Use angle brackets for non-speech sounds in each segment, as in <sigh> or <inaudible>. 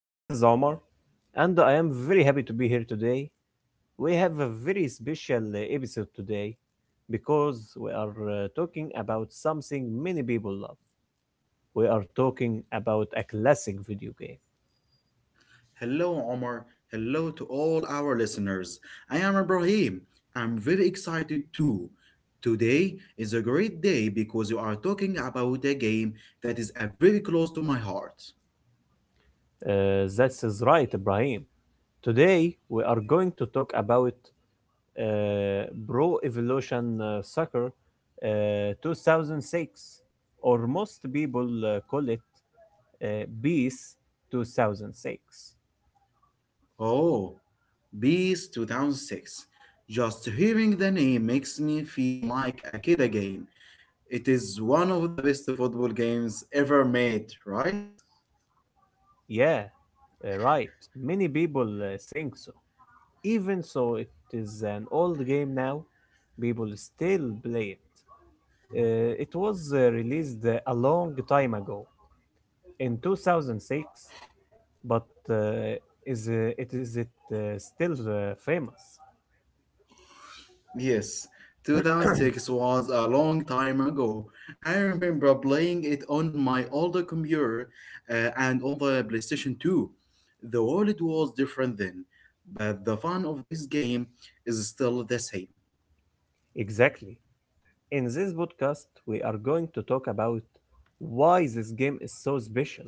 My name is Omar, and I am very happy to be here today. We have a very special episode today because we are talking about something many people love. We are talking about a classic video game. Hello, Omar. Hello to all our listeners. I am Ibrahim. I'm very excited too. Today is a great day because you are talking about a game that is very close to my heart. That is right, Ibrahim. Today, we are going to talk about Pro Evolution Soccer 2006, or most people call it BEAS 2006. Oh, Bees 2006. Just hearing the name makes me feel like a kid again. It is one of the best football games ever made, right? Yeah, right. Many people think so. Even so, it is an old game now. People still play it. It was released a long time ago, in 2006, but uh, is it is it still famous? Yes, 2006 was a long time ago. I remember playing it on my older computer and on the PlayStation 2. The world was different then, but the fun of this game is still the same. Exactly. In this podcast, we are going to talk about why this game is so special.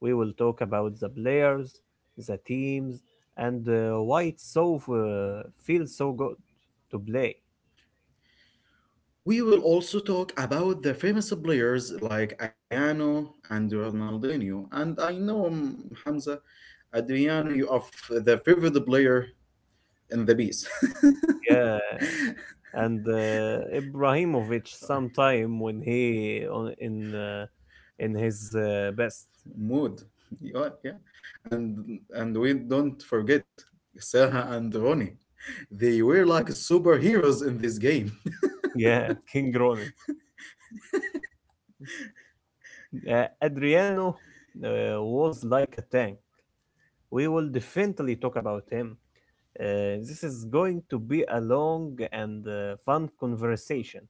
We will talk about the players, the teams, and why it so feels so good to play. We will also talk about the famous players like Adriano and Ronaldinho. And I know, Hamza, Adriano, you are the favorite player in the piece. Yeah, and Ibrahimovic <laughs> sometime when he on in his best. Mood. <laughs> Yeah, yeah, and and we don't forget Saha and Ronnie. They were like superheroes in this game. Yeah, King Rony. Adriano was like a tank. We will definitely talk about him. This is going to be a long and fun conversation.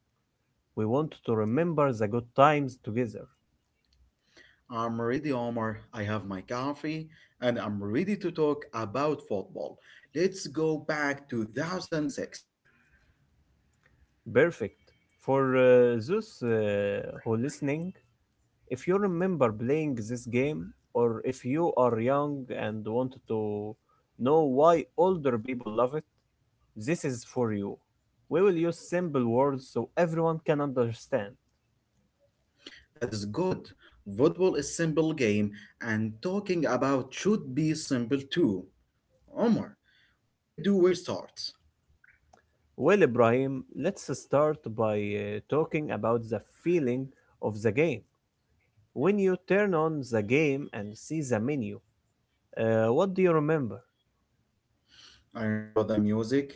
We want to remember the good times together. <laughs> I'm ready, Omar. I have my coffee, and I'm ready to talk about football. Let's go back to 2006. Perfect. For those who listening, if you remember playing this game, or if you are young and want to know why older people love it, this is for you. We will use simple words so everyone can understand. That is good. Football is simple game, and talking about should be simple too. Omar, where do we start? Well, Ibrahim, let's start by talking about the feeling of the game. When you turn on the game and see the menu, what do you remember? I remember the music.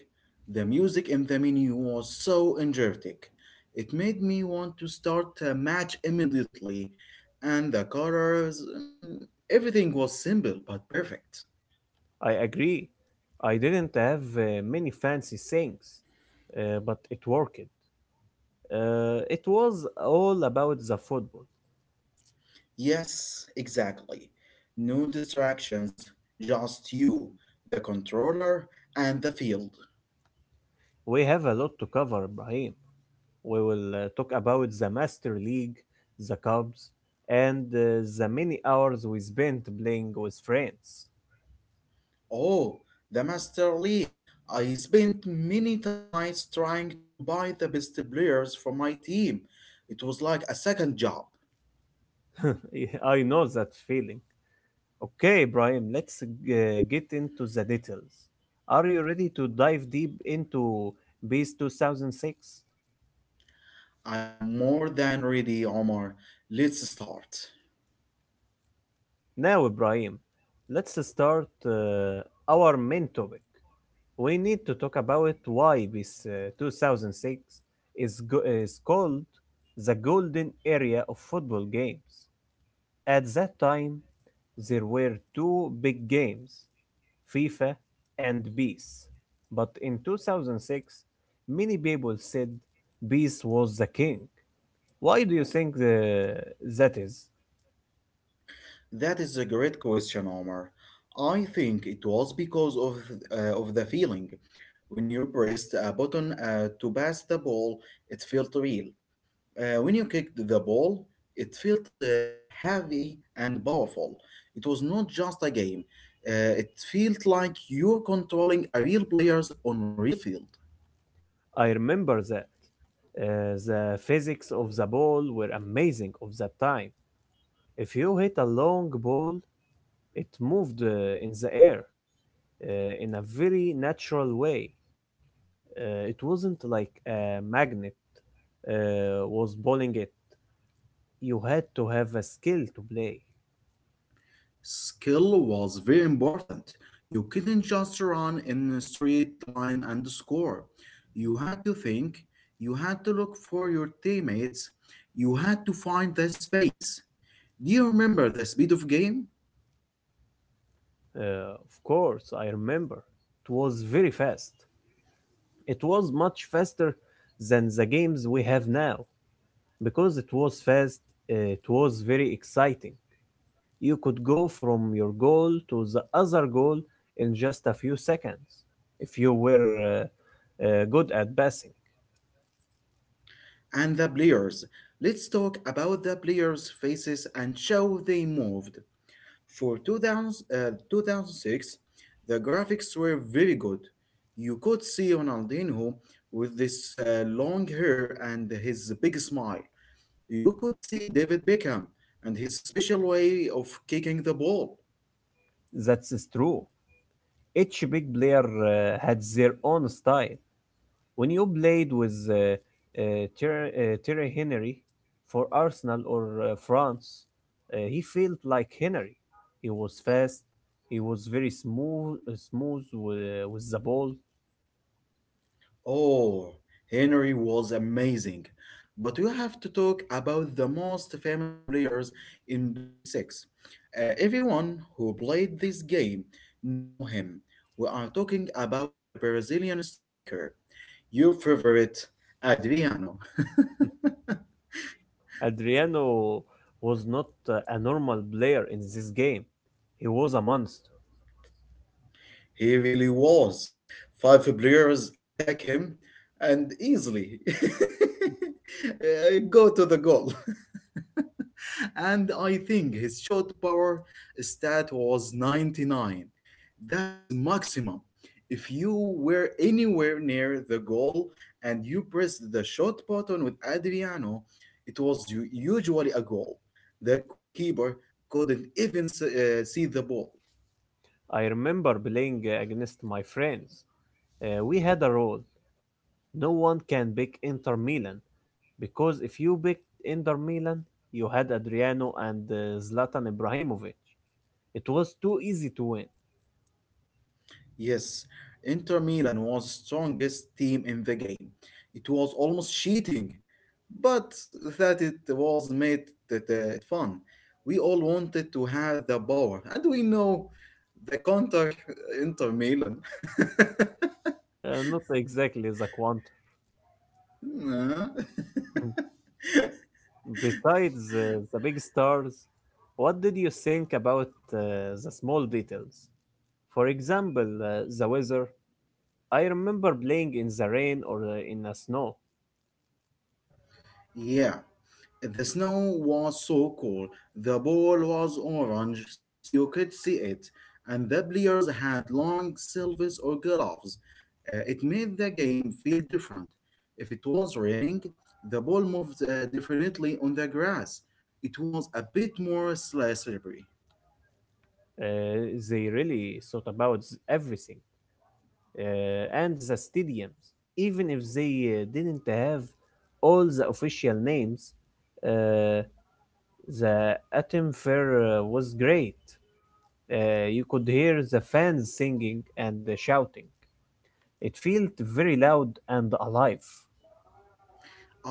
The music in the menu was so energetic. It made me want to start a match immediately, and the colors, everything was simple but perfect. I agree. I didn't have many fancy things, but it worked. It was all about the football. Yes, exactly. No distractions, just you, the controller, and the field. We have a lot to cover, Ibrahim. We will talk about the Master League, the Cubs, and the many hours we spent playing with friends. Oh, the Master League. I spent many nights trying to buy the best players for my team. It was like a second job. <laughs> I know that feeling. Okay, Ibrahim, let's get into the details. Are you ready to dive deep into Base 2006? I am more than ready, Omar. Let's start. Now, Ibrahim, let's start our main topic. We need to talk about why Base 2006 is called the golden area of football games. At that time, there were two big games, FIFA and Bees. But in 2006, many people said Bees was the king. Why do you think that is? That is a great question, Omar. I think it was because of the feeling. When you pressed a button to pass the ball, it felt real. When you kicked the ball, it felt heavy and powerful. It was not just a game. It felt like you're controlling a real players on real field. I remember that. The physics of the ball were amazing of that time. If you hit a long ball, it moved in the air in a very natural way. It wasn't like a magnet was bowling it. You had to have a skill to play. Skill was very important. You couldn't just run in a straight line and score. You had to think, you had to look for your teammates, you had to find the space. Do you remember the speed of game? Of course, I remember. It was very fast. It was much faster than the games we have now. Because it was fast, it was very exciting. You could go from your goal to the other goal in just a few seconds if you were good at passing. And the players. Let's talk about the players' faces and how they moved. For 2006, the graphics were very good. You could see Ronaldinho with this long hair and his big smile. You could see David Beckham and his special way of kicking the ball. That's is true. Each big player had their own style. When you played with uh, Thierry Henry for Arsenal or France, he felt like Henry. He was fast. He was very smooth with the ball. Oh, Henry was amazing. But we have to talk about the most famous players in B6. Everyone who played this game know him. We are talking about the Brazilian striker, your favorite, Adriano. <laughs> Adriano was not a normal player in this game. He was a monster. He really was. Five players attack him and easily <laughs> go to the goal. <laughs> <laughs> And I think his shot power stat was 99. That is maximum. If you were anywhere near the goal and you pressed the shot button with Adriano, it was usually a goal. The goalkeeper couldn't even see the ball. I remember playing against my friends. We had a rule. No one can pick Inter Milan, because if you picked Inter Milan, you had Adriano and Zlatan Ibrahimovic. It was too easy to win. Yes, Inter Milan was strongest team in the game. It was almost cheating, but that it was made it fun. We all wanted to have the power, and we know the counter Inter Milan. <laughs> Not exactly the quantum. Nah. <laughs> Besides the big stars, what did you think about the small details? For example, the weather. I remember playing in the rain or in the snow. Yeah. The snow was so cool, the ball was orange, so you could see it, and the players had long sleeves or gloves. It made the game feel different. If it was raining, the ball moved differently on the grass. It was a bit more slippery. They really thought about everything and the stadiums, even if they didn't have all the official names. Uh, the atom fair was great. You could hear the fans singing and shouting. It felt very loud and alive.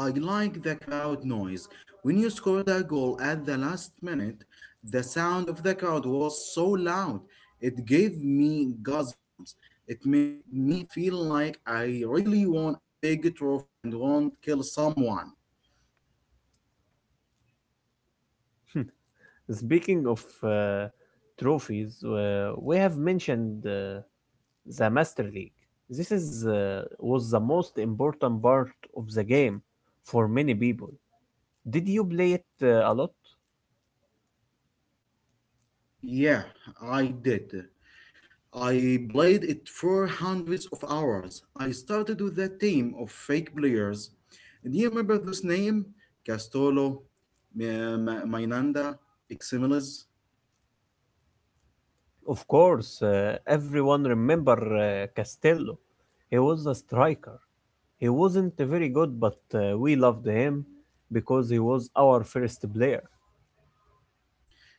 I like the crowd noise. When you scored a goal at the last minute, the sound of the crowd was so loud. It gave me goosebumps. It made me feel like I really won a big trophy and won't kill someone. <laughs> Speaking of uh, trophies, we have mentioned the Master League. This is was the most important part of the game for many people. Did you play it a lot? Yeah, I did. I played it for hundreds of hours. I started with a team of fake players. Do you remember those names? Castolo, Mainanda, Ximilis? Of course, everyone remember Castello. He was a striker. He wasn't very good, but we loved him because he was our first player.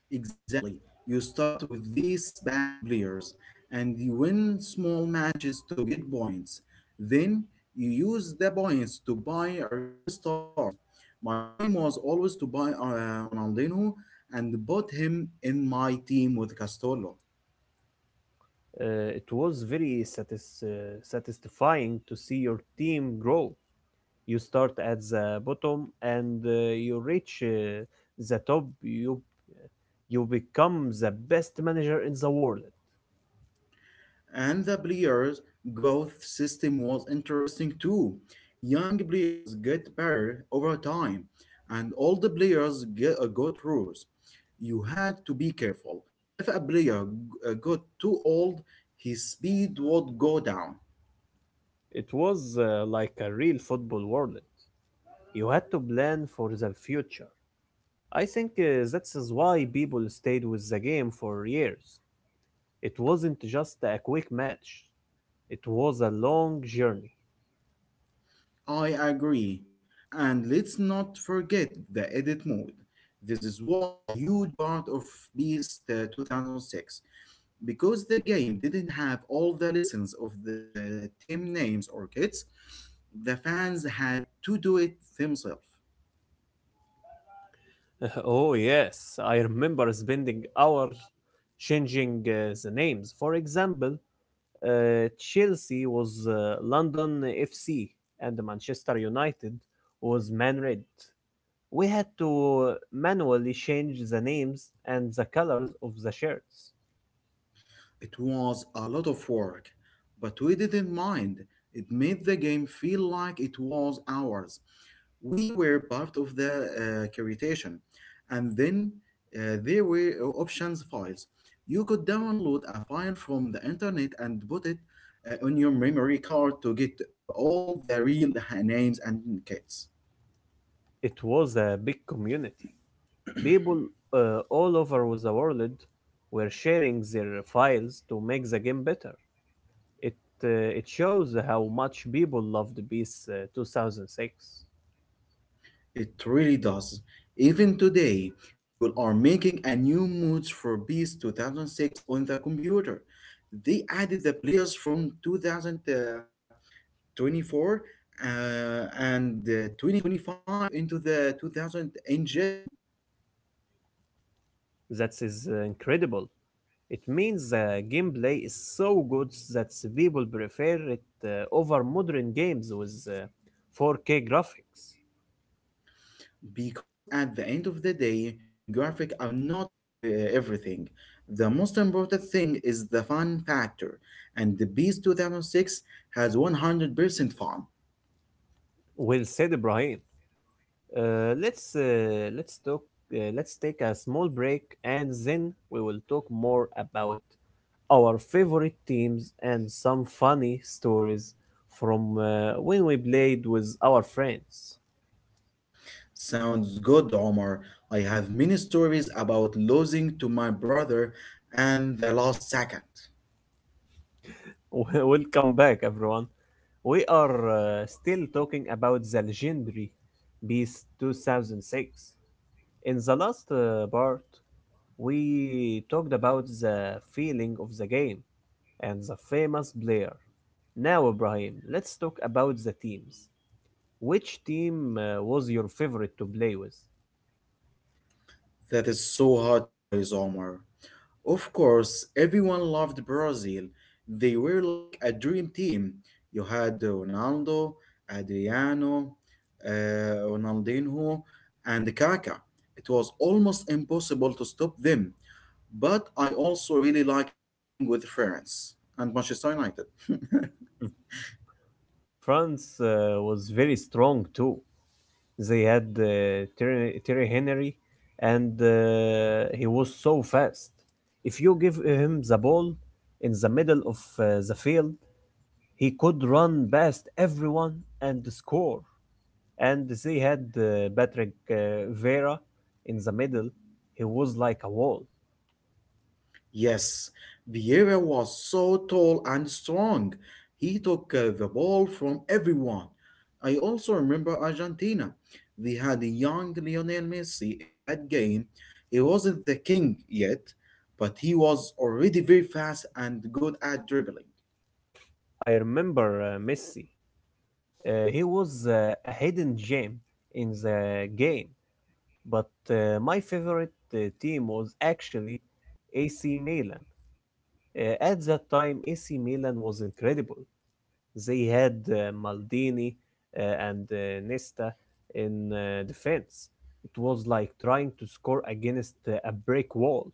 Exactly. You start with these bad players and you win small matches to get points. Then you use the points to buy a real stars. My dream was always to buy Ronaldinho and bought him in my team with Castolo. It was very satisfying to see your team grow. You start at the bottom and you reach the top. You become the best manager in the world. And the players' growth system was interesting too. Young players get better over time, and all the players got rules. You had to be careful. If a player got too old, his speed would go down. It was like a real football world. You had to plan for the future. I think that is why people stayed with the game for years. It wasn't just a quick match. It was a long journey. I agree. And let's not forget the edit mode. This was a huge part of PS 2006 because the game didn't have all the lessons of the team names or kits. The fans had to do it themselves. <laughs> Oh, yes, I remember spending hours changing the names. For example, Chelsea was London FC, and Manchester United was Man Red. We had to manually change the names and the colors of the shirts. It was a lot of work, but we didn't mind. It made the game feel like it was ours. We were part of the creation. And then there were options files. You could download a file from the internet and put it on your memory card to get all the real names and kits. It was a big community. People all over the world were sharing their files to make the game better. It it shows how much people loved PS 2006. It really does. Even today, people are making a new mods for PS 2006 on the computer. They added the players from 2024 uh, and 2025 into the 2000 engine That is incredible. It means the gameplay is so good that people prefer it over modern games with 4K graphics. because at the end of the day, graphic are not everything. The most important thing is the fun factor, and the PS 2006 has 100% fun. Well said, Ibrahim. Let's talk. Let's take a small break and then we will talk more about our favorite teams and some funny stories from when we played with our friends. Sounds good, Omar. I have many stories about losing to my brother and the last second. <laughs> Welcome back, everyone. We are still talking about the legendary Beast 2006. In the last part, we talked about the feeling of the game and the famous player. Now, Ibrahim, let's talk about the teams. Which team was your favorite to play with? That is so hard, choice, Omar. Of course, everyone loved Brazil. They were like a dream team. You had Ronaldo, Adriano, uh, Ronaldinho, and Kaká. It was almost impossible to stop them. But I also really liked playing with France and Manchester United. <laughs> Mm. France was very strong too. They had Thierry Henry, and he was so fast. If you give him the ball in the middle of the field, he could run past everyone and score. And they had Patrick Vera in the middle. He was like a wall. Yes, Vieira was so tall and strong. He took the ball from everyone. I also remember Argentina. We had a young Lionel Messi in that game. He wasn't the king yet, but he was already very fast and good at dribbling. I remember Messi. He was a hidden gem in the game, but my favorite team was actually AC Milan. At that time, AC Milan was incredible. They had Maldini and Nesta in defense. It was like trying to score against a brick wall.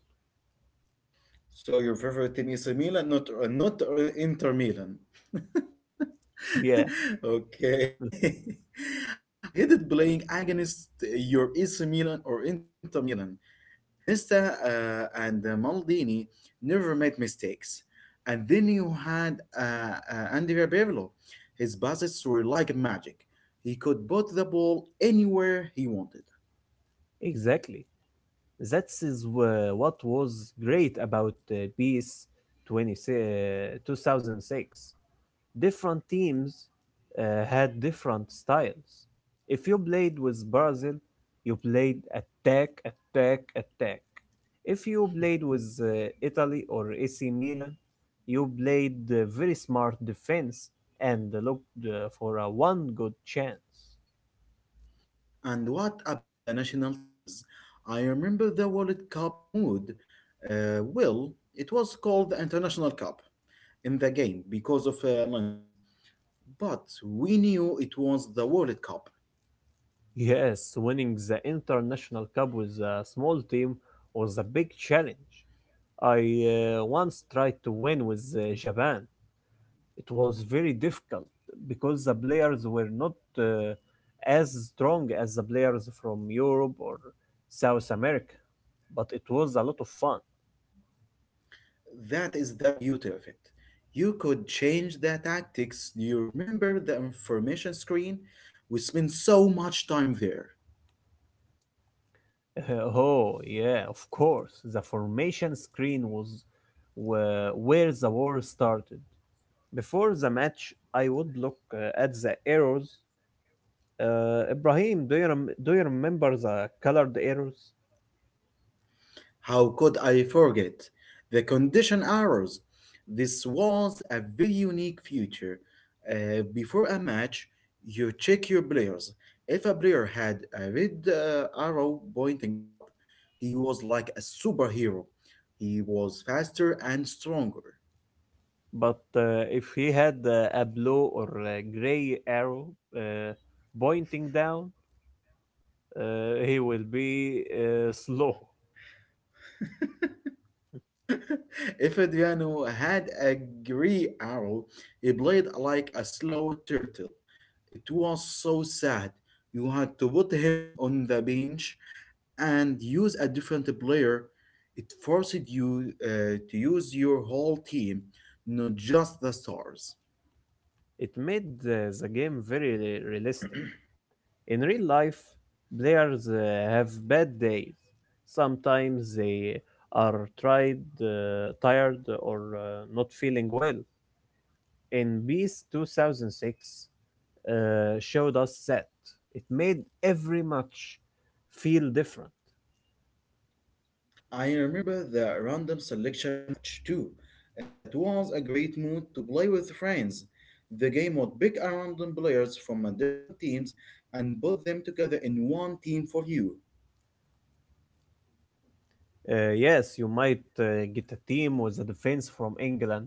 So your favorite team is Milan, not Inter Milan. <laughs> Yeah. Okay. <laughs> <laughs> I hated playing against your AC Milan or Inter Milan. Nesta and Maldini never made mistakes. And then you had Andrea Pirlo. His passes were like magic. He could put the ball anywhere he wanted. Exactly. That is wha- what was great about uh, BS 20, uh, 2006. Different teams had different styles. If you played with Brazil, you played attack, attack, attack. If you played with Italy or AC Milan, you played very smart defense and looked for a one good chance. And what about the national teams? I remember the World Cup mood. Well, it was called the International Cup in the game because of lenses. But we knew it was the World Cup. Yes, winning the international cup with a small team was a big challenge. I once tried to win with Japan. It was very difficult because the players were not uh, as strong as the players from Europe or South America, but it was a lot of fun. That is the beauty of it. You could change the tactics. Do you remember the information screen? We spent so much time there. <laughs> Oh yeah, of course. The formation screen was where the war started. Before the match, I would look at the arrows. Ibrahim, do you remember the colored arrows? How could I forget? The condition arrows. This was a very unique feature. Before a match, you check your players. If a player had a red arrow pointing up, he was like a superhero. He was faster and stronger. But if he had a blue or a gray arrow uh, pointing down, he will be slow. <laughs> If Adriano had a grey arrow, he played like a slow turtle. It was so sad. You had to put him on the bench and use a different player. It forced you to use your whole team, not just the stars. It made the game very realistic. In real life, players have bad days. Sometimes they are tired or not feeling well. In Beast 2006 uh, showed us that. It made every match feel different. I remember the random selection match too. That was a great mood to play with friends. The game would pick a random players from a different teams and put them together in one team for you. Yes, you might get a team with a defense from England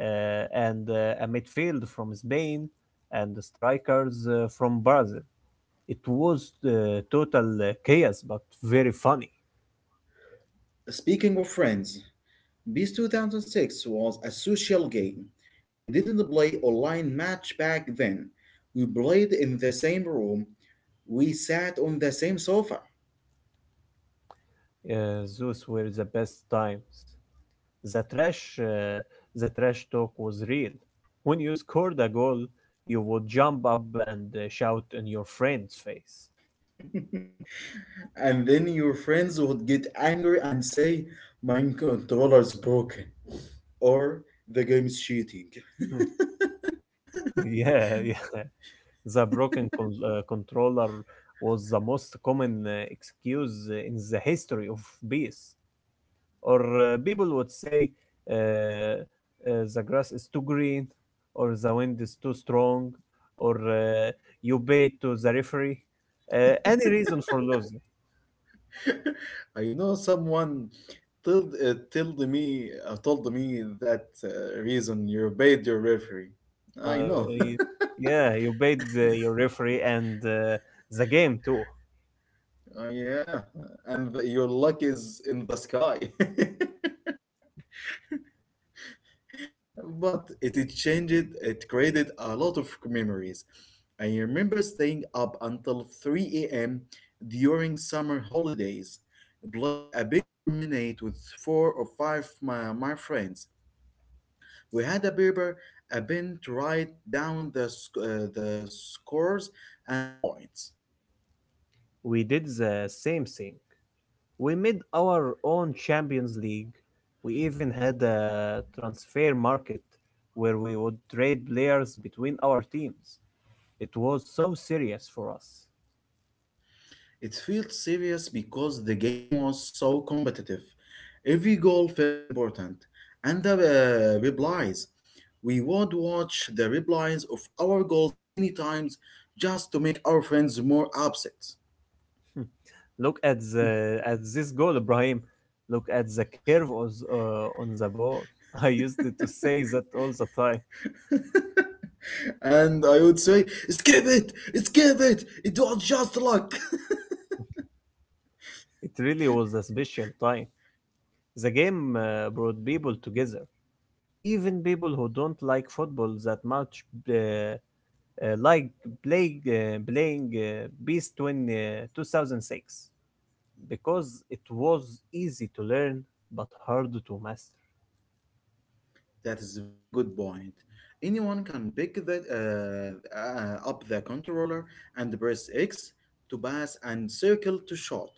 and a midfield from Spain and strikers from Brazil. It was total chaos, but very funny. Speaking of friends, Beast 2006 was a social game. We didn't play online match back then. We played in the same room. We sat on the same sofa. Uh, those were the best times. The trash, uh, the trash talk was real. When you scored a goal, you would jump up and shout in your friend's face. <laughs> And then your friends would get angry and say, "My controller is broken," or "the game is cheating." <laughs> <laughs> Yeah, yeah. The broken controller was the most common excuse in the history of bees. Or people would say uh, uh, the grass is too green, or the wind is too strong, or you pay to the referee. Any reason for losing. I know someone told me that reason you obeyed your referee. Uh, I you, know. you- <laughs> yeah, you paid your referee and the game too. Yeah, and your luck is in the sky. <laughs> But it changed, it created a lot of memories. I remember staying up until 3 a.m. during summer holidays, playing a big tournament with four or five my friends. We had a paper, a pen to write down the scores and the points. We did the same thing. We made our own Champions League. We even had a transfer market where we would trade players between our teams. It was so serious for us. It felt serious because the game was so competitive. Every goal felt important, and the replies. We would watch the replies of our goals many times just to make our friends more upset. Hmm. Look at the at this goal, Ibrahim. Look at the curve on on the ball. <laughs> I used to say that all the time. And I would say, skip it, it was just luck. It really was a special time. The game brought people together. Even people who don't like football that much uh, uh, like playing Beast 20, 2006 because it was easy to learn but hard to master. That is a very good point. Anyone can pick that up the controller and press X to pass and circle to shot.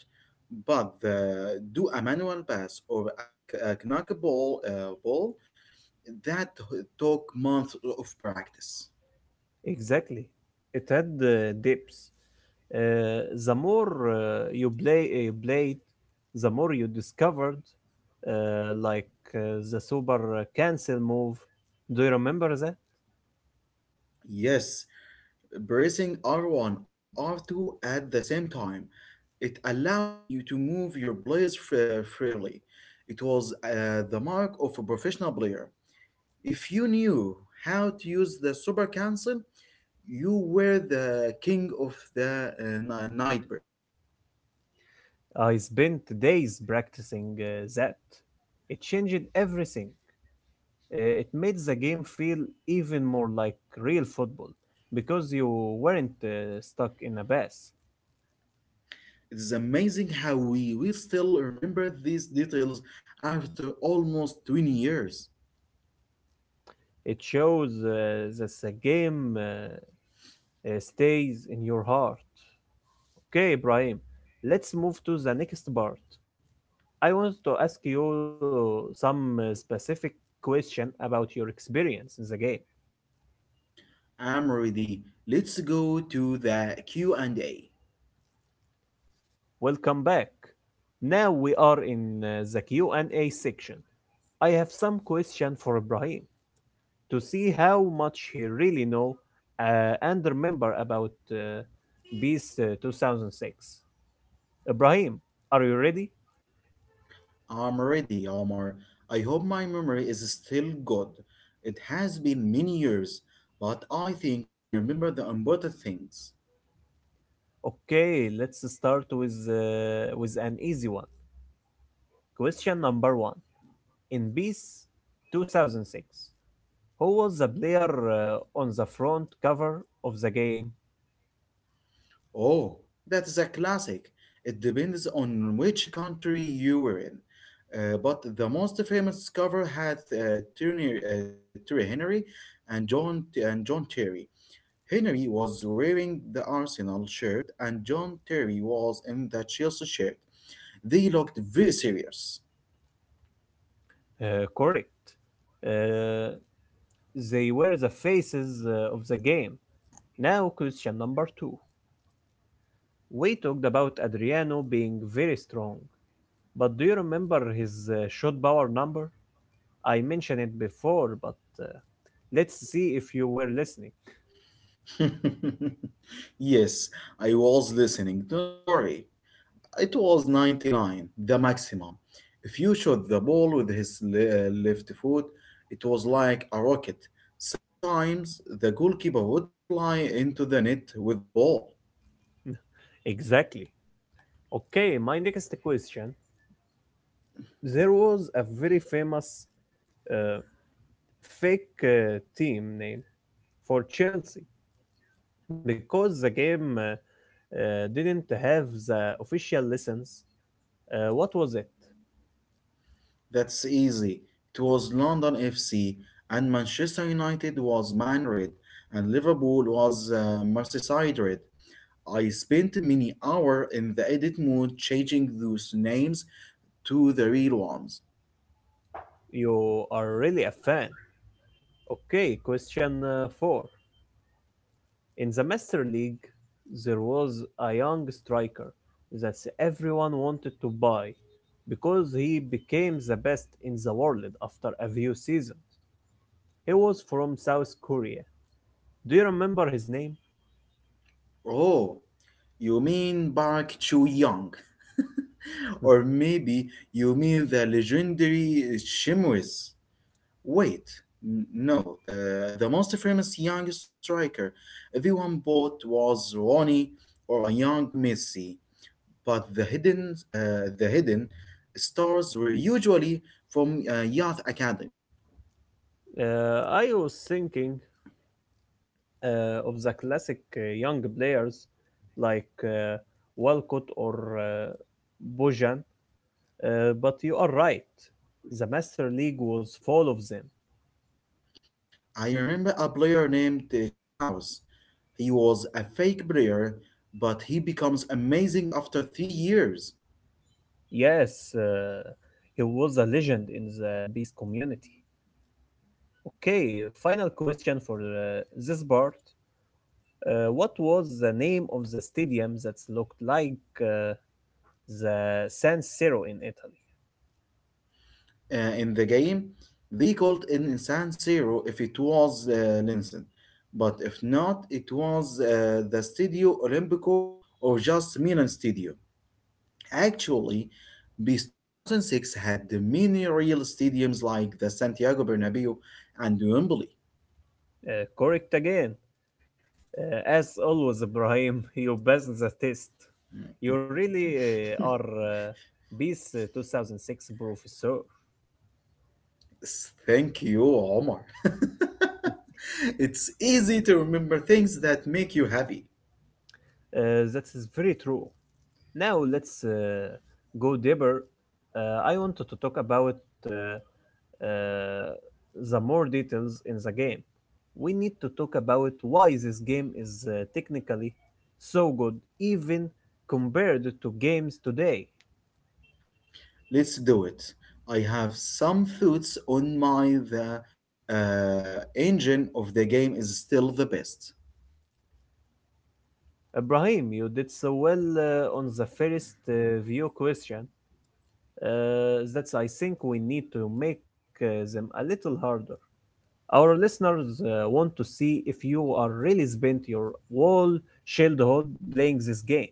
But do a manual pass or a knuckleball ball that took months of practice. Exactly. It had depths. The more you played, the more you discovered, uh, like uh, the super cancel move. Do you remember that? Yes, pressing R1 and R2 at the same time it allowed you to move your players freely. It was the mark of a professional player. If you knew how to use the super council, you were the king of the night. I spent days practicing that. It changed everything. It made the game feel even more like real football because you weren't stuck in a pass. It is amazing how we will still remember these details after almost 20 years. It shows that the game stays in your heart. Okay, Ibrahim, let's move to the next part. I want to ask you some specific question about your experience in the game. I'm ready. Let's go to the Q and A. Welcome back. Now we are in the Q&A section. I have some question for Ibrahim to see how much he really know and remember about Beast 2006. Ibrahim, are you ready? am ready, Omar. I hope my memory is still good. It has been many years, but I think I remember the important things. Okay, let's start with an easy one. Question number one. In Peace 2006, who was the player on the front cover of the game? Oh, that is a classic. It depends on which country you were in. But the most famous cover had Terry Henry and John Terry. Henry was wearing the Arsenal shirt, and John Terry was in the Chelsea shirt. They looked very serious. Correct. Uh, they were the faces of the game. Now, question number two. We talked about Adriano being very strong, but do you remember his shot power number? I mentioned it before, but let's see if you were listening. <laughs> Yes, I was listening. Don't worry. It was 99, the maximum. If you shot the ball with his left foot, it was like a rocket. Sometimes the goalkeeper would fly into the net with the ball. Exactly. Okay, my next question. There was a very famous uh, fake team name for Chelsea because the game didn't have the official license. What was it? That's easy. It was London FC, and Manchester United was Man Red, and Liverpool was Merseyside Red. I spent many hours in the edit mode changing those names to the real ones. You are really a fan. Okay, question four. In the Master League, there was a young striker that everyone wanted to buy because he became the best in the world after a few seasons. He was from South Korea. Do you remember his name? Oh, you mean Park Chu Young? <laughs> Or <laughs> maybe you mean the legendary Shimwis? Wait, no. The most famous young striker everyone bought was Ronnie or a young Messi, but the hidden stars were usually from youth academy. I was thinking of the classic young players like Walcott or Bojan, but you are right. The Master League was full of them. I remember a player named Strauss. He was a fake player, but he becomes amazing after 3 years. Yes, he was a legend in the Beast community. Okay, final question for this part. What was the name of the stadium that looked like the San Siro in Italy? In the game, they called an insan zero if it was Linsen, but if not, it was the Studio Olimpico or just Milan Studio. Actually, BIS 2006 had many real stadiums like the Santiago Bernabeu and Wembley. Correct again. As always, Ibrahim, <laughs> you passed the test. You really uh, <laughs> are uh, BIS 2006 professor. Thank you, Omar. <laughs> It's easy to remember things that make you happy. That is very true. Now let's go deeper. I wanted to talk about uh, uh, the more details in the game. We need to talk about why this game is technically so good, even compared to games today. Let's do it. I have some thoughts on my the engine of the game is still the best. Ibrahim, you did so well on the first view question that I think we need to make them a little harder. Our listeners want to see if you are really spent your whole childhood playing this game.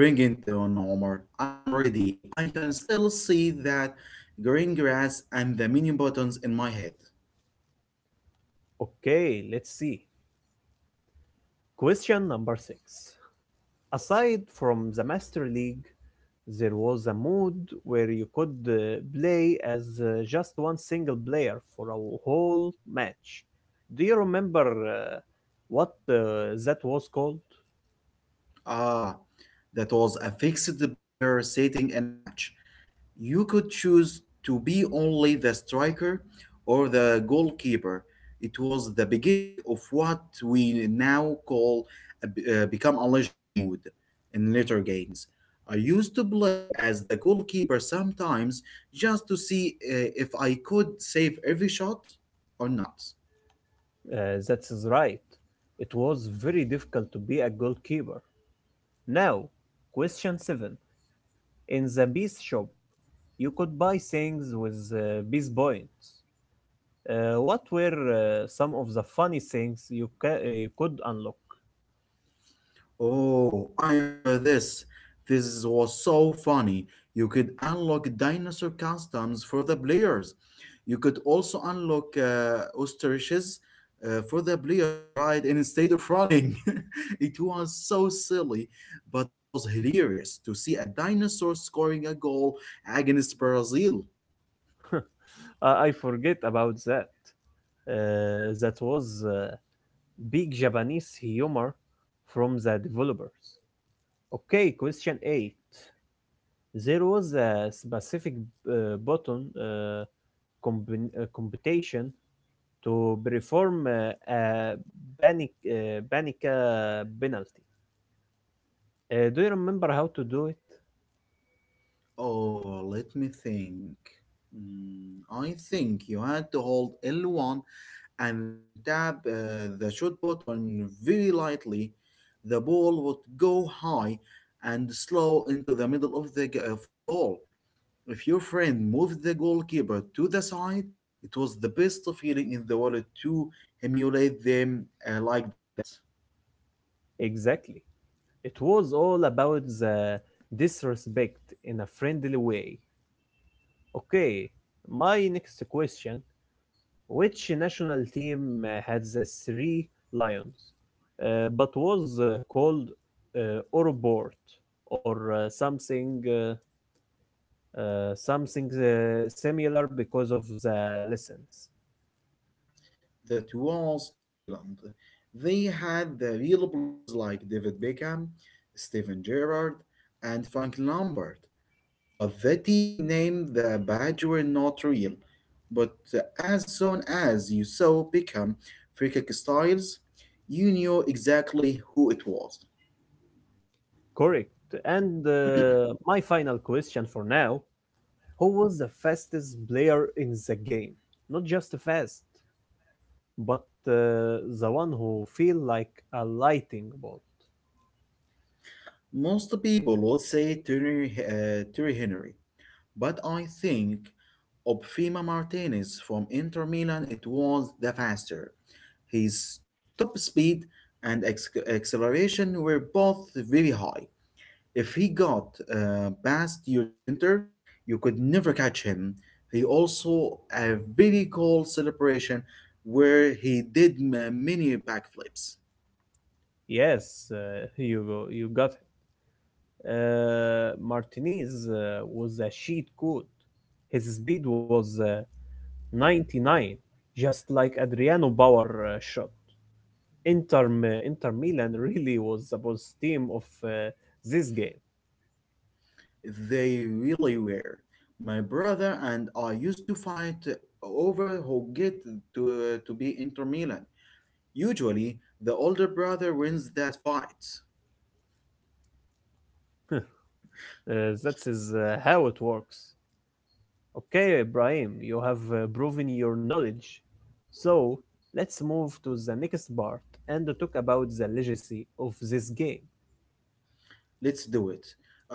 Bring it on, Omar. I'm ready. I can still see that green grass and the menu buttons in my head. Okay, let's see. Question number six. Aside from the Master League, there was a mode where you could play as just one single player for a whole match. Do you remember what that was called? Ah, that was a fixed player setting in a match. You could choose to be only the striker or the goalkeeper. It was the beginning of what we now call a become a legend mood in later games. I used to play as the goalkeeper sometimes just to see if I could save every shot or not. That is right. It was very difficult to be a goalkeeper. Now, question 7. In the Beast shop, you could buy things with Beast points. What were some of the funny things you could unlock? Oh, I remember this. This was so funny. You could unlock dinosaur customs for the players. You could also unlock ostriches for the players to ride instead of running. <laughs> It was so silly, but it was hilarious to see a dinosaur scoring a goal against Brazil. <laughs> I forget about that. That was big Japanese humor from the developers. Okay, question 8. There was a specific button computation to perform a panic penalty. Do you remember how to do it? Oh, let me think. Mm, I think you had to hold L1 and then tap the shot button very lightly. The ball would go high and slow into the middle of the g- of the goal. If your friend moved the goalkeeper to the side, it was the best feeling in the world to emulate them like that. Exactly. It was all about the disrespect in a friendly way. Okay, my next question. Which national team had the three lions, but was called Orbort or something similar because of the lessons? That was England. They had the real players like David Beckham, Steven Gerrard, and Frank Lampard. But the team named the badge were not real, but as soon as you saw Beckham free kick styles, you knew exactly who it was. Correct. And my final question for now: Who was the fastest player in the game? Not just fast, but the one who feel like a lightning bolt. Most people would say Terry Henry, but I think Obfima Martinez from Inter Milan it was the faster. His top speed and acceleration were both very high. If he got past your defenders, you could never catch him. He also a very cool celebration where he did many backflips. Yes, <laughs> you got it. Martinez was a sheet code. His speed was 99, just like Adriano Bauer shot. Inter Milan <laughs> really was the boss team of this game. They really were. My brother and I used to fight over who get to be Inter Milan. Usually, the older brother wins that fight. <laughs> That is how it works. Okay, Ibrahim, you have proven your knowledge. So let's move to the next part and talk about the legacy of this game. Let's do it.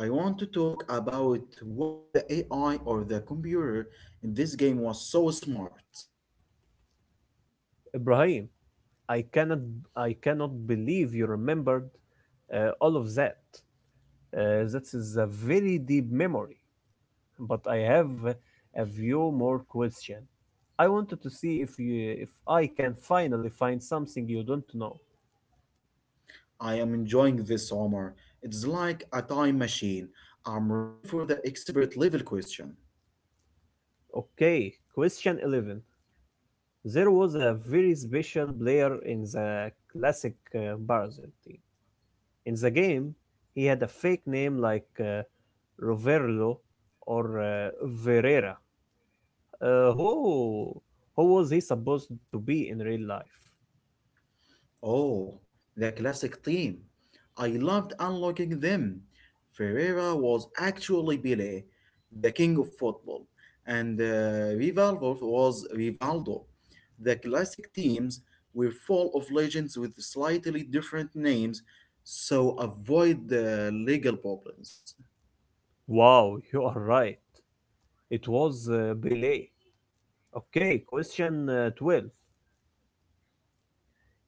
I want to talk about why the AI or the computer in this game was so smart. Ibrahim, I cannot, I cannot believe you remembered all of that. That is a very deep memory, but I have a few more questions. I wanted to see if I can finally find something you don't know. I am enjoying this, summer. It's like a time machine. I'm ready for the expert level question. Okay, question 11. There was a very special player in the classic Barzil team. In the game, he had a fake name like Roverlo or Verera. Uh, who, who was he supposed to be in real life? Oh, the classic theme. I loved unlocking them. Ferreira was actually Pele, the king of football, and Rivaldo was Rivaldo. The classic teams were full of legends with slightly different names, so avoid the legal problems. Wow, <laughs> you are right. It was Belay. Okay, question 12.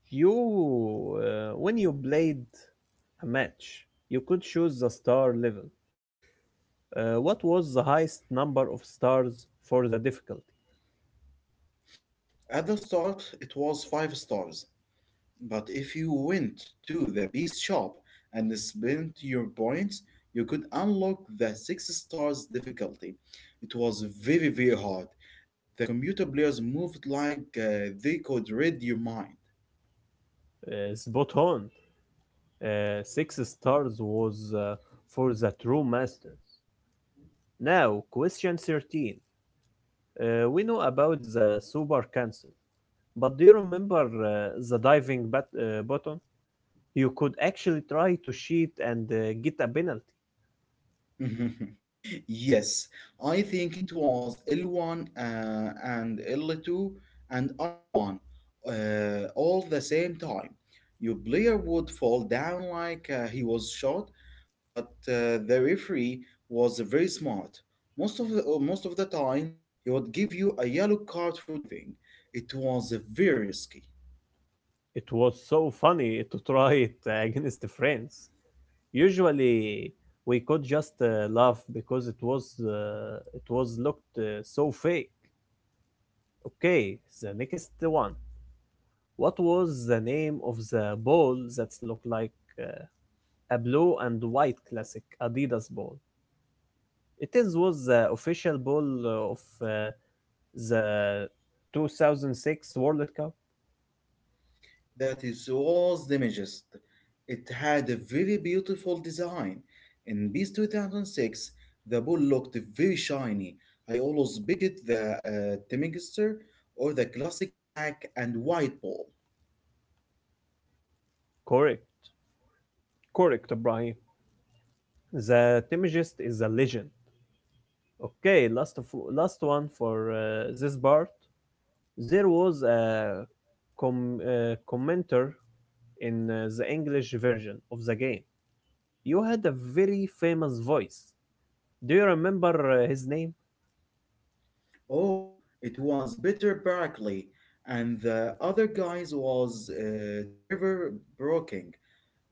When you played a match, you could choose the star level. What was the highest number of stars for the difficulty? At the start, it was five stars. But if you went to the beast shop and spent your points, you could unlock the 6 stars difficulty. It was very, very hard. The computer players moved like they could read your mind. Spot on. Six stars was for the true masters. Now, question 13. We know about the super cancel. But do you remember the diving button? You could actually try to cheat and get a penalty. <laughs> Yes, I think it was L1 and L2 and R1, all the same time. Your player would fall down like he was shot, but the referee was very smart. Most of the time, he would give you a yellow card for diving. It was very risky. It was so funny <laughs> to try it against the friends. Usually, we could just laugh because it was looked so fake. Okay, the next one. What was the name of the ball that looked like uh, a blue and white classic Adidas ball? It is was the official ball of uh, the 2006 World Cup. That is was damages. It had a very beautiful design. In Beast 2006, the ball looked very shiny. I always picked the Temminster or the classic black and white ball. Correct, correct, Ibrahim. The Temujist is a legend. Okay, last one for this part. There was a commenter in the English version of the game. You had a very famous voice. Do you remember his name? Oh, it was Peter Barkley, and the other guys was Trevor Brooking.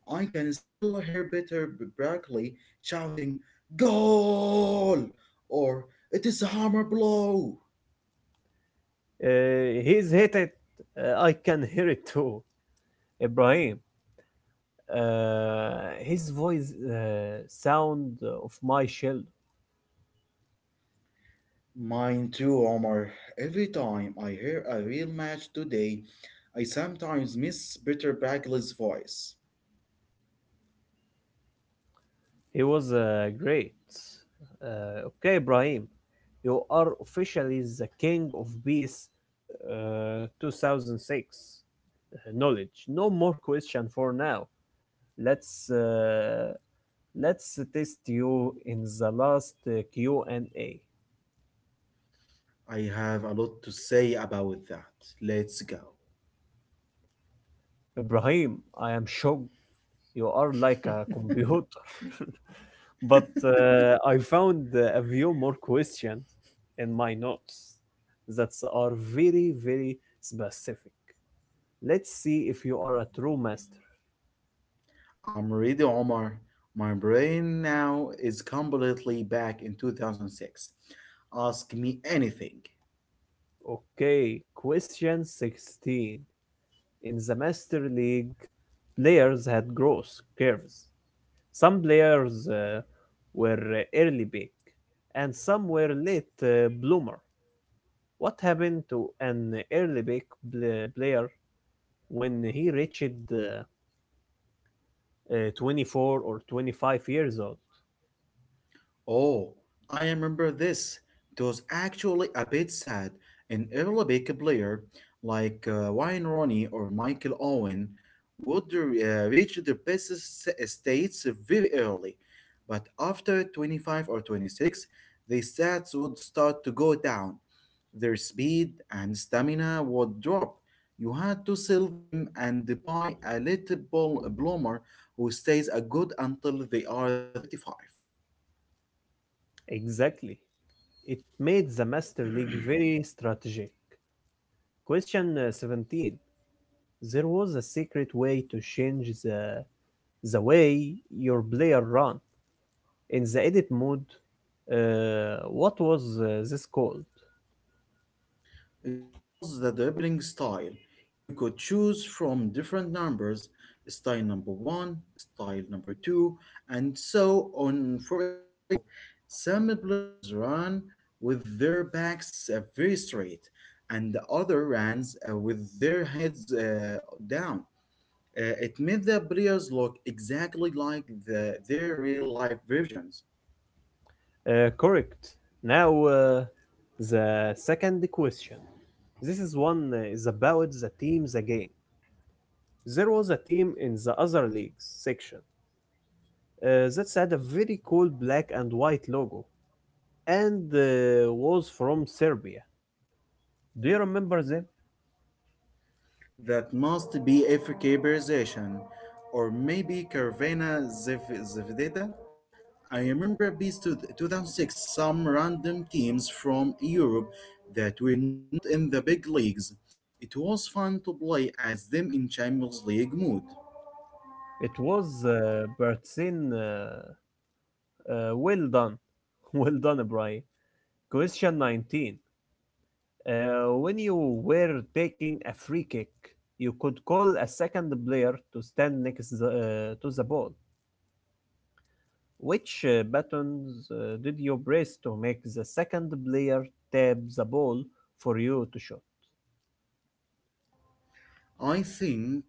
I can still hear Peter Barkley shouting, "Goal!" or "It is a hammer blow!" He's hit it. I can hear it too, Ibrahim. Uh, his voice sound of my shell. Mine too, Omar. Every time I hear a real match today, I sometimes miss Peter Bagley's voice. He was great. Okay, Ibrahim, you are officially the king of peace. 2006 knowledge. No more question for now. Let's uh, let's test you in the last Q and A. I have a lot to say about that. Let's go. Ibrahim, I am shocked. You are like a <laughs> computer. <laughs> But I found a few more questions in my notes that are very, very specific. Let's see if you are a true master. I'm ready, Omar. My brain now is completely back in 2006. Ask me anything. Okay, question 16. In the Master League, players had growth curves. Some players were early pick, and some were late bloomer. What happened to an early pick player when he reached uh, 24 or 25 years old. Oh, I remember this. It was actually a bit sad. An Arabic player like Wayne Rooney or Michael Owen would reach their best states very early, but after 25 or 26, their stats would start to go down. Their speed and stamina would drop. You had to sell them and buy a little ball bloomer who stays a good until they are 35. Exactly. It made the Master League very strategic. Question 17. There was a secret way to change the way your player ran. In the edit mode, what was this called? It was the dribbling style. You could choose from different numbers, style number one, style number two, and so on. For example, some players ran with their backs very straight, and the other runs with their heads down. It made the players look exactly like their real life versions. Correct. Now, the second question. This is one is about the teams again. There was a team in the other leagues section. That had a very cool black and white logo and was from Serbia. Do you remember them? That must be FK Berzian, or maybe Caravana Zvedeta. I remember Beast 2006 some random teams from Europe that were not in the big leagues. It was fun to play as them in Champions League mood. It was Bertzin. Well done. <laughs> Well done, Brian. Question 19. Uh, when you were taking a free kick, you could call a second player to stand next to the ball. Which buttons did you press to make the second player tap the ball for you to shoot? I think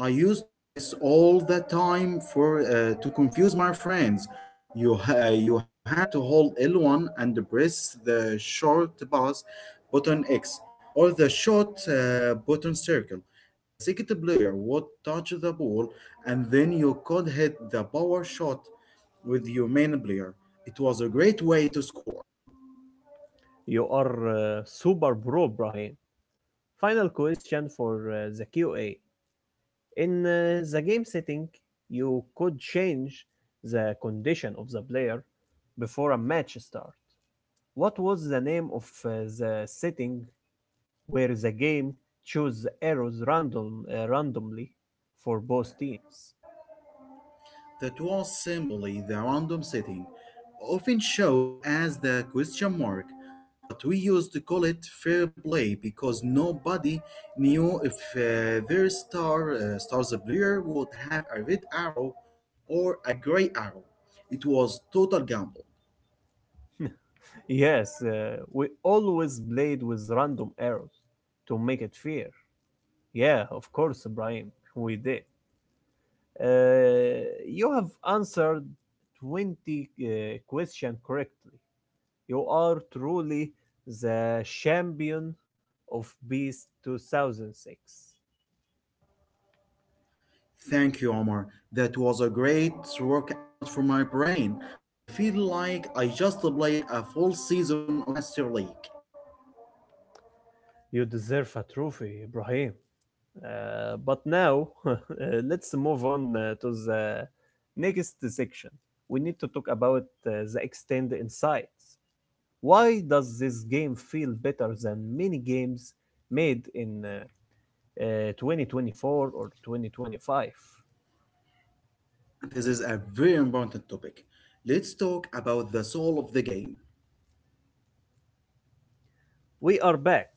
I used to this all the time for to confuse my friends. You had to hold L1 and press the short pass button X or the short button circle. The second player would touch the ball, and then you could hit the power shot with your main player. It was a great way to score. You are super bro, Brian. Final question for the QA. In the game setting, you could change the condition of the player before a match start. What was the name of the setting where the game chose the arrows randomly for both teams? That was simply the random setting, often shows as the question mark, but we used to call it fair play because nobody knew if their star stars player would have a red arrow or a gray arrow. It was total gamble. Yes, we always played with random arrows to make it fair. Yeah, of course, Brian, we did. Uh, you have answered 20 questions correctly. You are truly the champion of Beast 2006. Thank you, Omar. That was a great workout for my brain. I feel like I just played a full season of the Master League. You deserve a trophy, Ibrahim. But now, <laughs> let's move on to the next section. We need to talk about the extended insights. Why does this game feel better than many games made in 2024 or 2025. This is a very important topic. Let's talk about the soul of the game. We are back.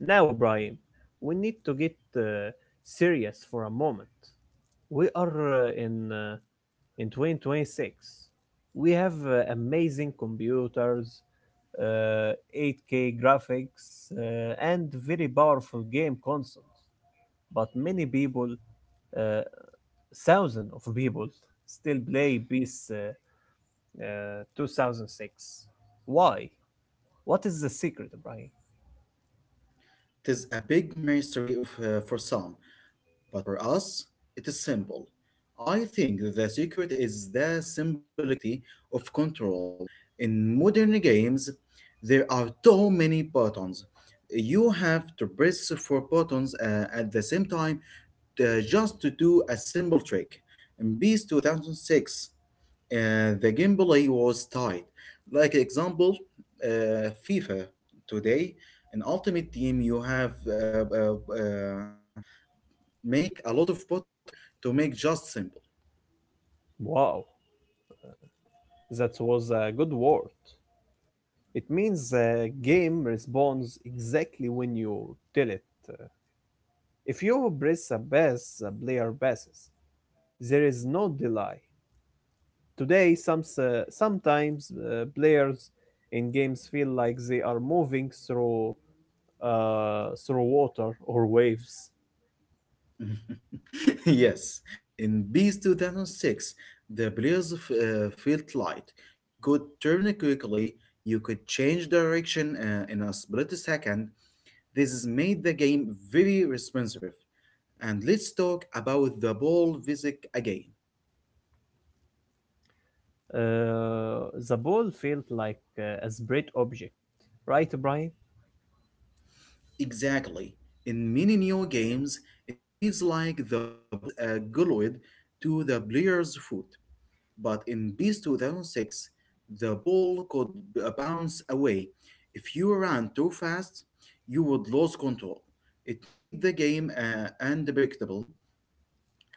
Now, Ibrahim, we need to get serious for a moment. We are uh, in, uh, in 2026. We have amazing computers, uh, 8K graphics, and very powerful game consoles. But many people, uh, thousands of people, still play PES 2006. Why? What is the secret, Brian? It is a big mystery for some, but for us, it is simple. I think the secret is the simplicity of control. In modern games, there are too many buttons. You have to press four buttons at the same time just to do a simple trick. In Beast 2006, and the gameplay was tight. Like example, FIFA today in Ultimate Team, you have make a lot of button to make just simple. Wow, that was a good word. It means the game responds exactly when you tell it. Uh, If you press a bass, the player basses. There is no delay. Today, sometimes players in games feel like they are moving through through water or waves. <laughs> Yes, in Beast 2006, the players felt light. You could turn it quickly. You could change direction in a split second. This has made the game very responsive. And let's talk about the ball physics again. Uh, the ball felt like a spread object, right, Brian? Exactly. In many new games, it feels like the ball is glued to the player's foot. But in Beast 2006, the ball could bounce away. If you ran too fast, you would lose control. It made the game unpredictable,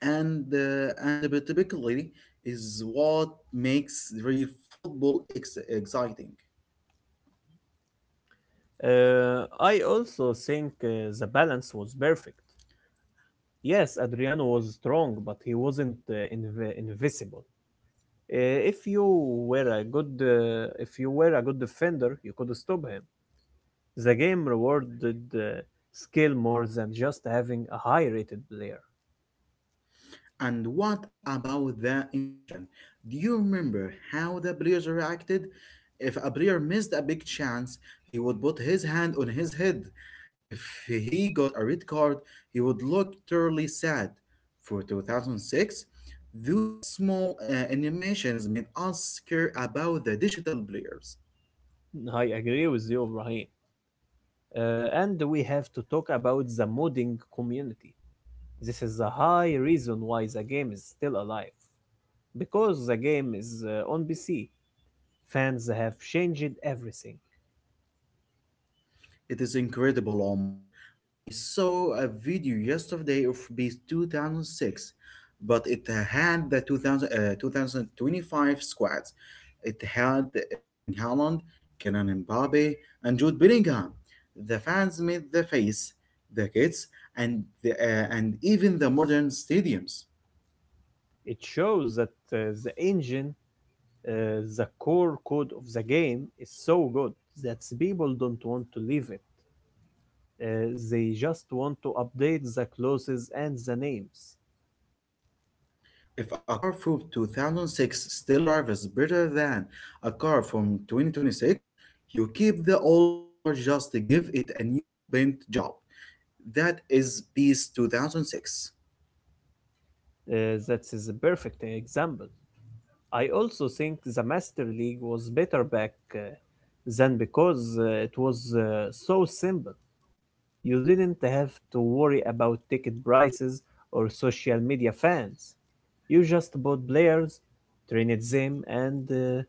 and unpredictability is what makes real football exciting. I also think the balance was perfect. Yes, Adriano was strong, but he wasn't invisible. If you were a good, if you were a good defender, you could stop him. The game rewarded skill more than just having a high rated player. And what about the emotion? Do you remember how the players reacted? If a player missed a big chance, he would put his hand on his head. If he got a red card, he would look terribly sad. For 2006, those small animations made us care about the digital players. I agree with you, Ibrahim. And we have to talk about the modding community. This is a high reason why the game is still alive. Because the game is on PC, fans have changed everything. It is incredible, Omar. I saw a video yesterday of Beast 2006, but it had the 2025 squads. It had Erling Haaland, Kenan Mbappe, and Jude Bellingham. The fans made the face, the kids, and even the modern stadiums. It shows that the engine, the core code of the game, is so good that people don't want to leave it. They just want to update the clauses and the names. If a car from 2006 still drives better than a car from 2026, you keep the old car, just give it a new paint job. That is piece 2006. That is a perfect example. I also think the Master League was better back then because it was so simple. You didn't have to worry about ticket prices or social media fans. You just bought players, trained them, and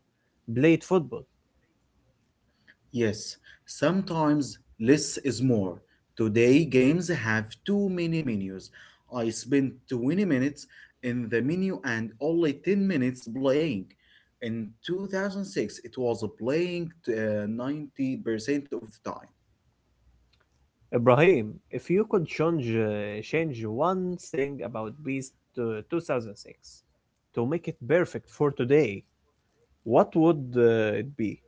played football. Yes, sometimes less is more. Today games have too many menus. I spent 20 minutes in the menu and only 10 minutes playing. In 2006, it was playing 90% of the time. Ibrahim, if you could change one thing about Beast to 2006 to make it perfect for today, what would it be?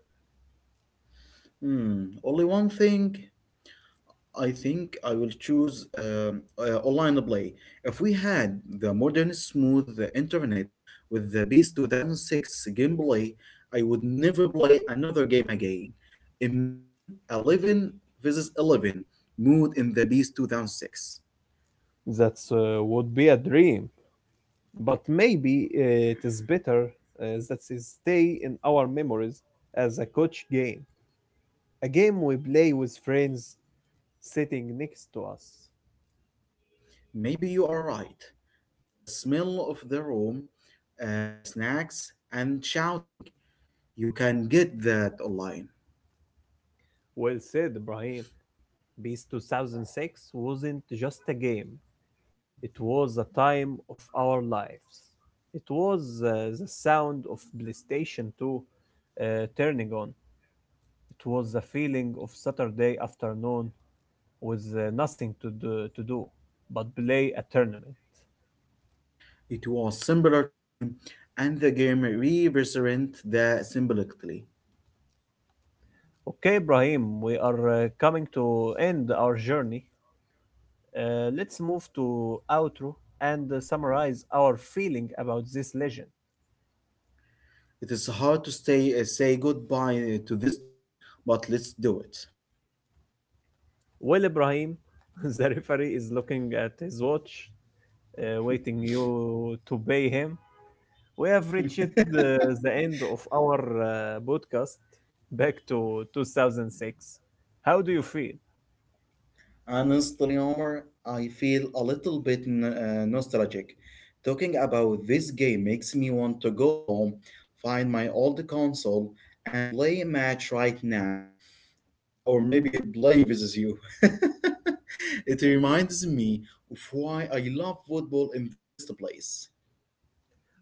Hmm, only one thing. I think I will choose online play. If we had the modern smooth internet with the Beast 2006 gameplay, I would never play another game again. Imagine 11 versus 11 mood in the Beast 2006. That would be a dream, but maybe it is better that it stay in our memories as a coach game. A game we play with friends sitting next to us. Maybe you are right. The smell of the room, the snacks, and shouting, you can get that online. Well said, Ibrahim. PES 2006 wasn't just a game, it was a time of our lives. It was the sound of PlayStation 2 uh, turning on. It was the feeling of Saturday afternoon with nothing to do but play a tournament. It was simpler time, and the game represent the symbolically. Okay, Ibrahim, we are coming to end our journey. Let's move to outro and summarize our feeling about this legend. It is hard to say goodbye to this topic, but let's do Well, Ibrahim, <laughs> the referee is looking at his watch, waiting you to pay him. We have reached it. <laughs> the end of our podcast back to 2006. How do you feel? Honestly, Omar, I feel a little bit nostalgic. Talking about this game makes me want to go home, find my old console, and play a match right now. Or maybe playing with you. <laughs> It reminds me of why I love football in the first place.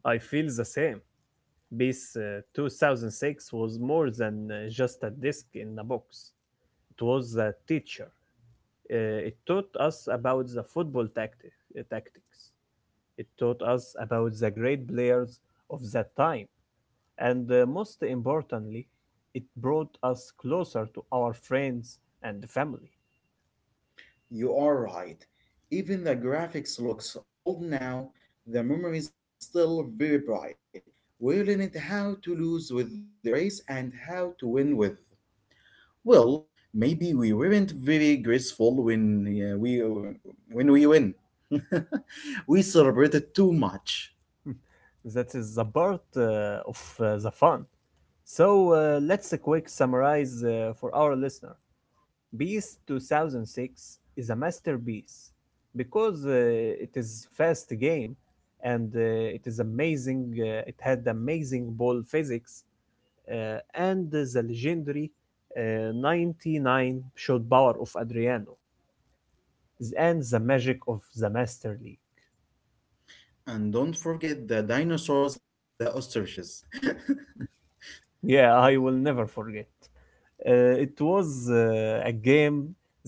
I feel the same. This 2006 was more than just a disc in a box. It was a teacher. It taught us about the tactics. It taught us about the great players of that time. And most importantly, it brought us closer to our friends and family. You are right. Even the graphics looks old now, the memories are still very bright. We learned how to lose with their grace and how to win with. Well, maybe we weren't very graceful when we when we win. <laughs> We celebrated too much. <laughs> That is the part of the fun. So let's a quick summarize for our listener. Beast 2006 is a masterpiece because it is fast game and it is amazing. It had amazing ball physics and the legendary 99 shot power of Adriano and the magic of the Master League. And don't forget the dinosaurs and the ostriches. <laughs> Yeah, I will never forget. It was a game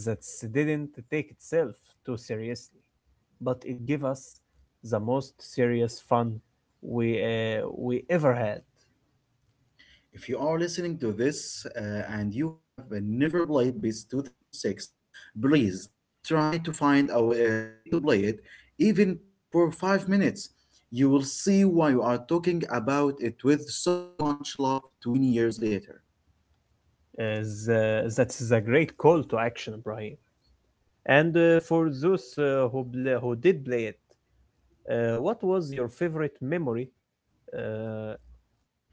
that didn't take itself too seriously, but it gave us the most serious fun we ever had. If you are listening to this and you have never played BIS 2006, please try to find a, a way to play it, even for 5 minutes. You will see why we are talking about it with so much love 20 years later. Uh, the- that's a great call to action, Ibrahim. And for those who did play it, what was your favorite memory? Uh,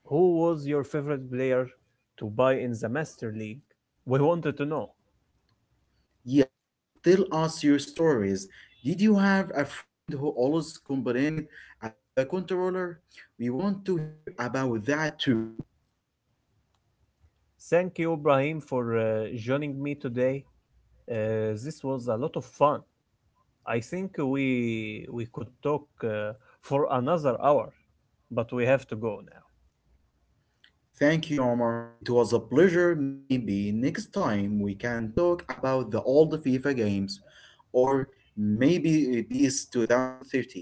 who was your favorite player to buy in the Master League? We wanted to know. Yes, tell us your stories. Did you have a friend who always complained about the controller? We want to hear about that too. Thank you, Ibrahim, for joining me today. This was a lot of fun. I think we could talk for another hour, but we have to go now. Thank you, Omar. It was a pleasure. Maybe next time we can talk about the old FIFA games or maybe BEAS 2013.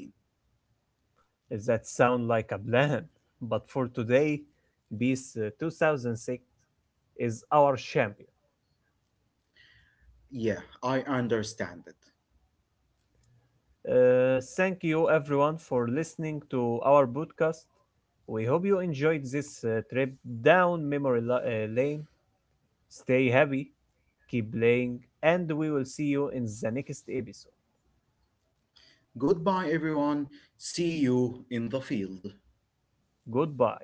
Does that sound like a plan? But for today, BIS 2006 is our champion. Yeah, I understand it. Thank you everyone for listening to our podcast. We hope you enjoyed this trip down lane. Stay happy, keep playing, and we will see you in the next episode. Goodbye, everyone. See you in the field. Goodbye.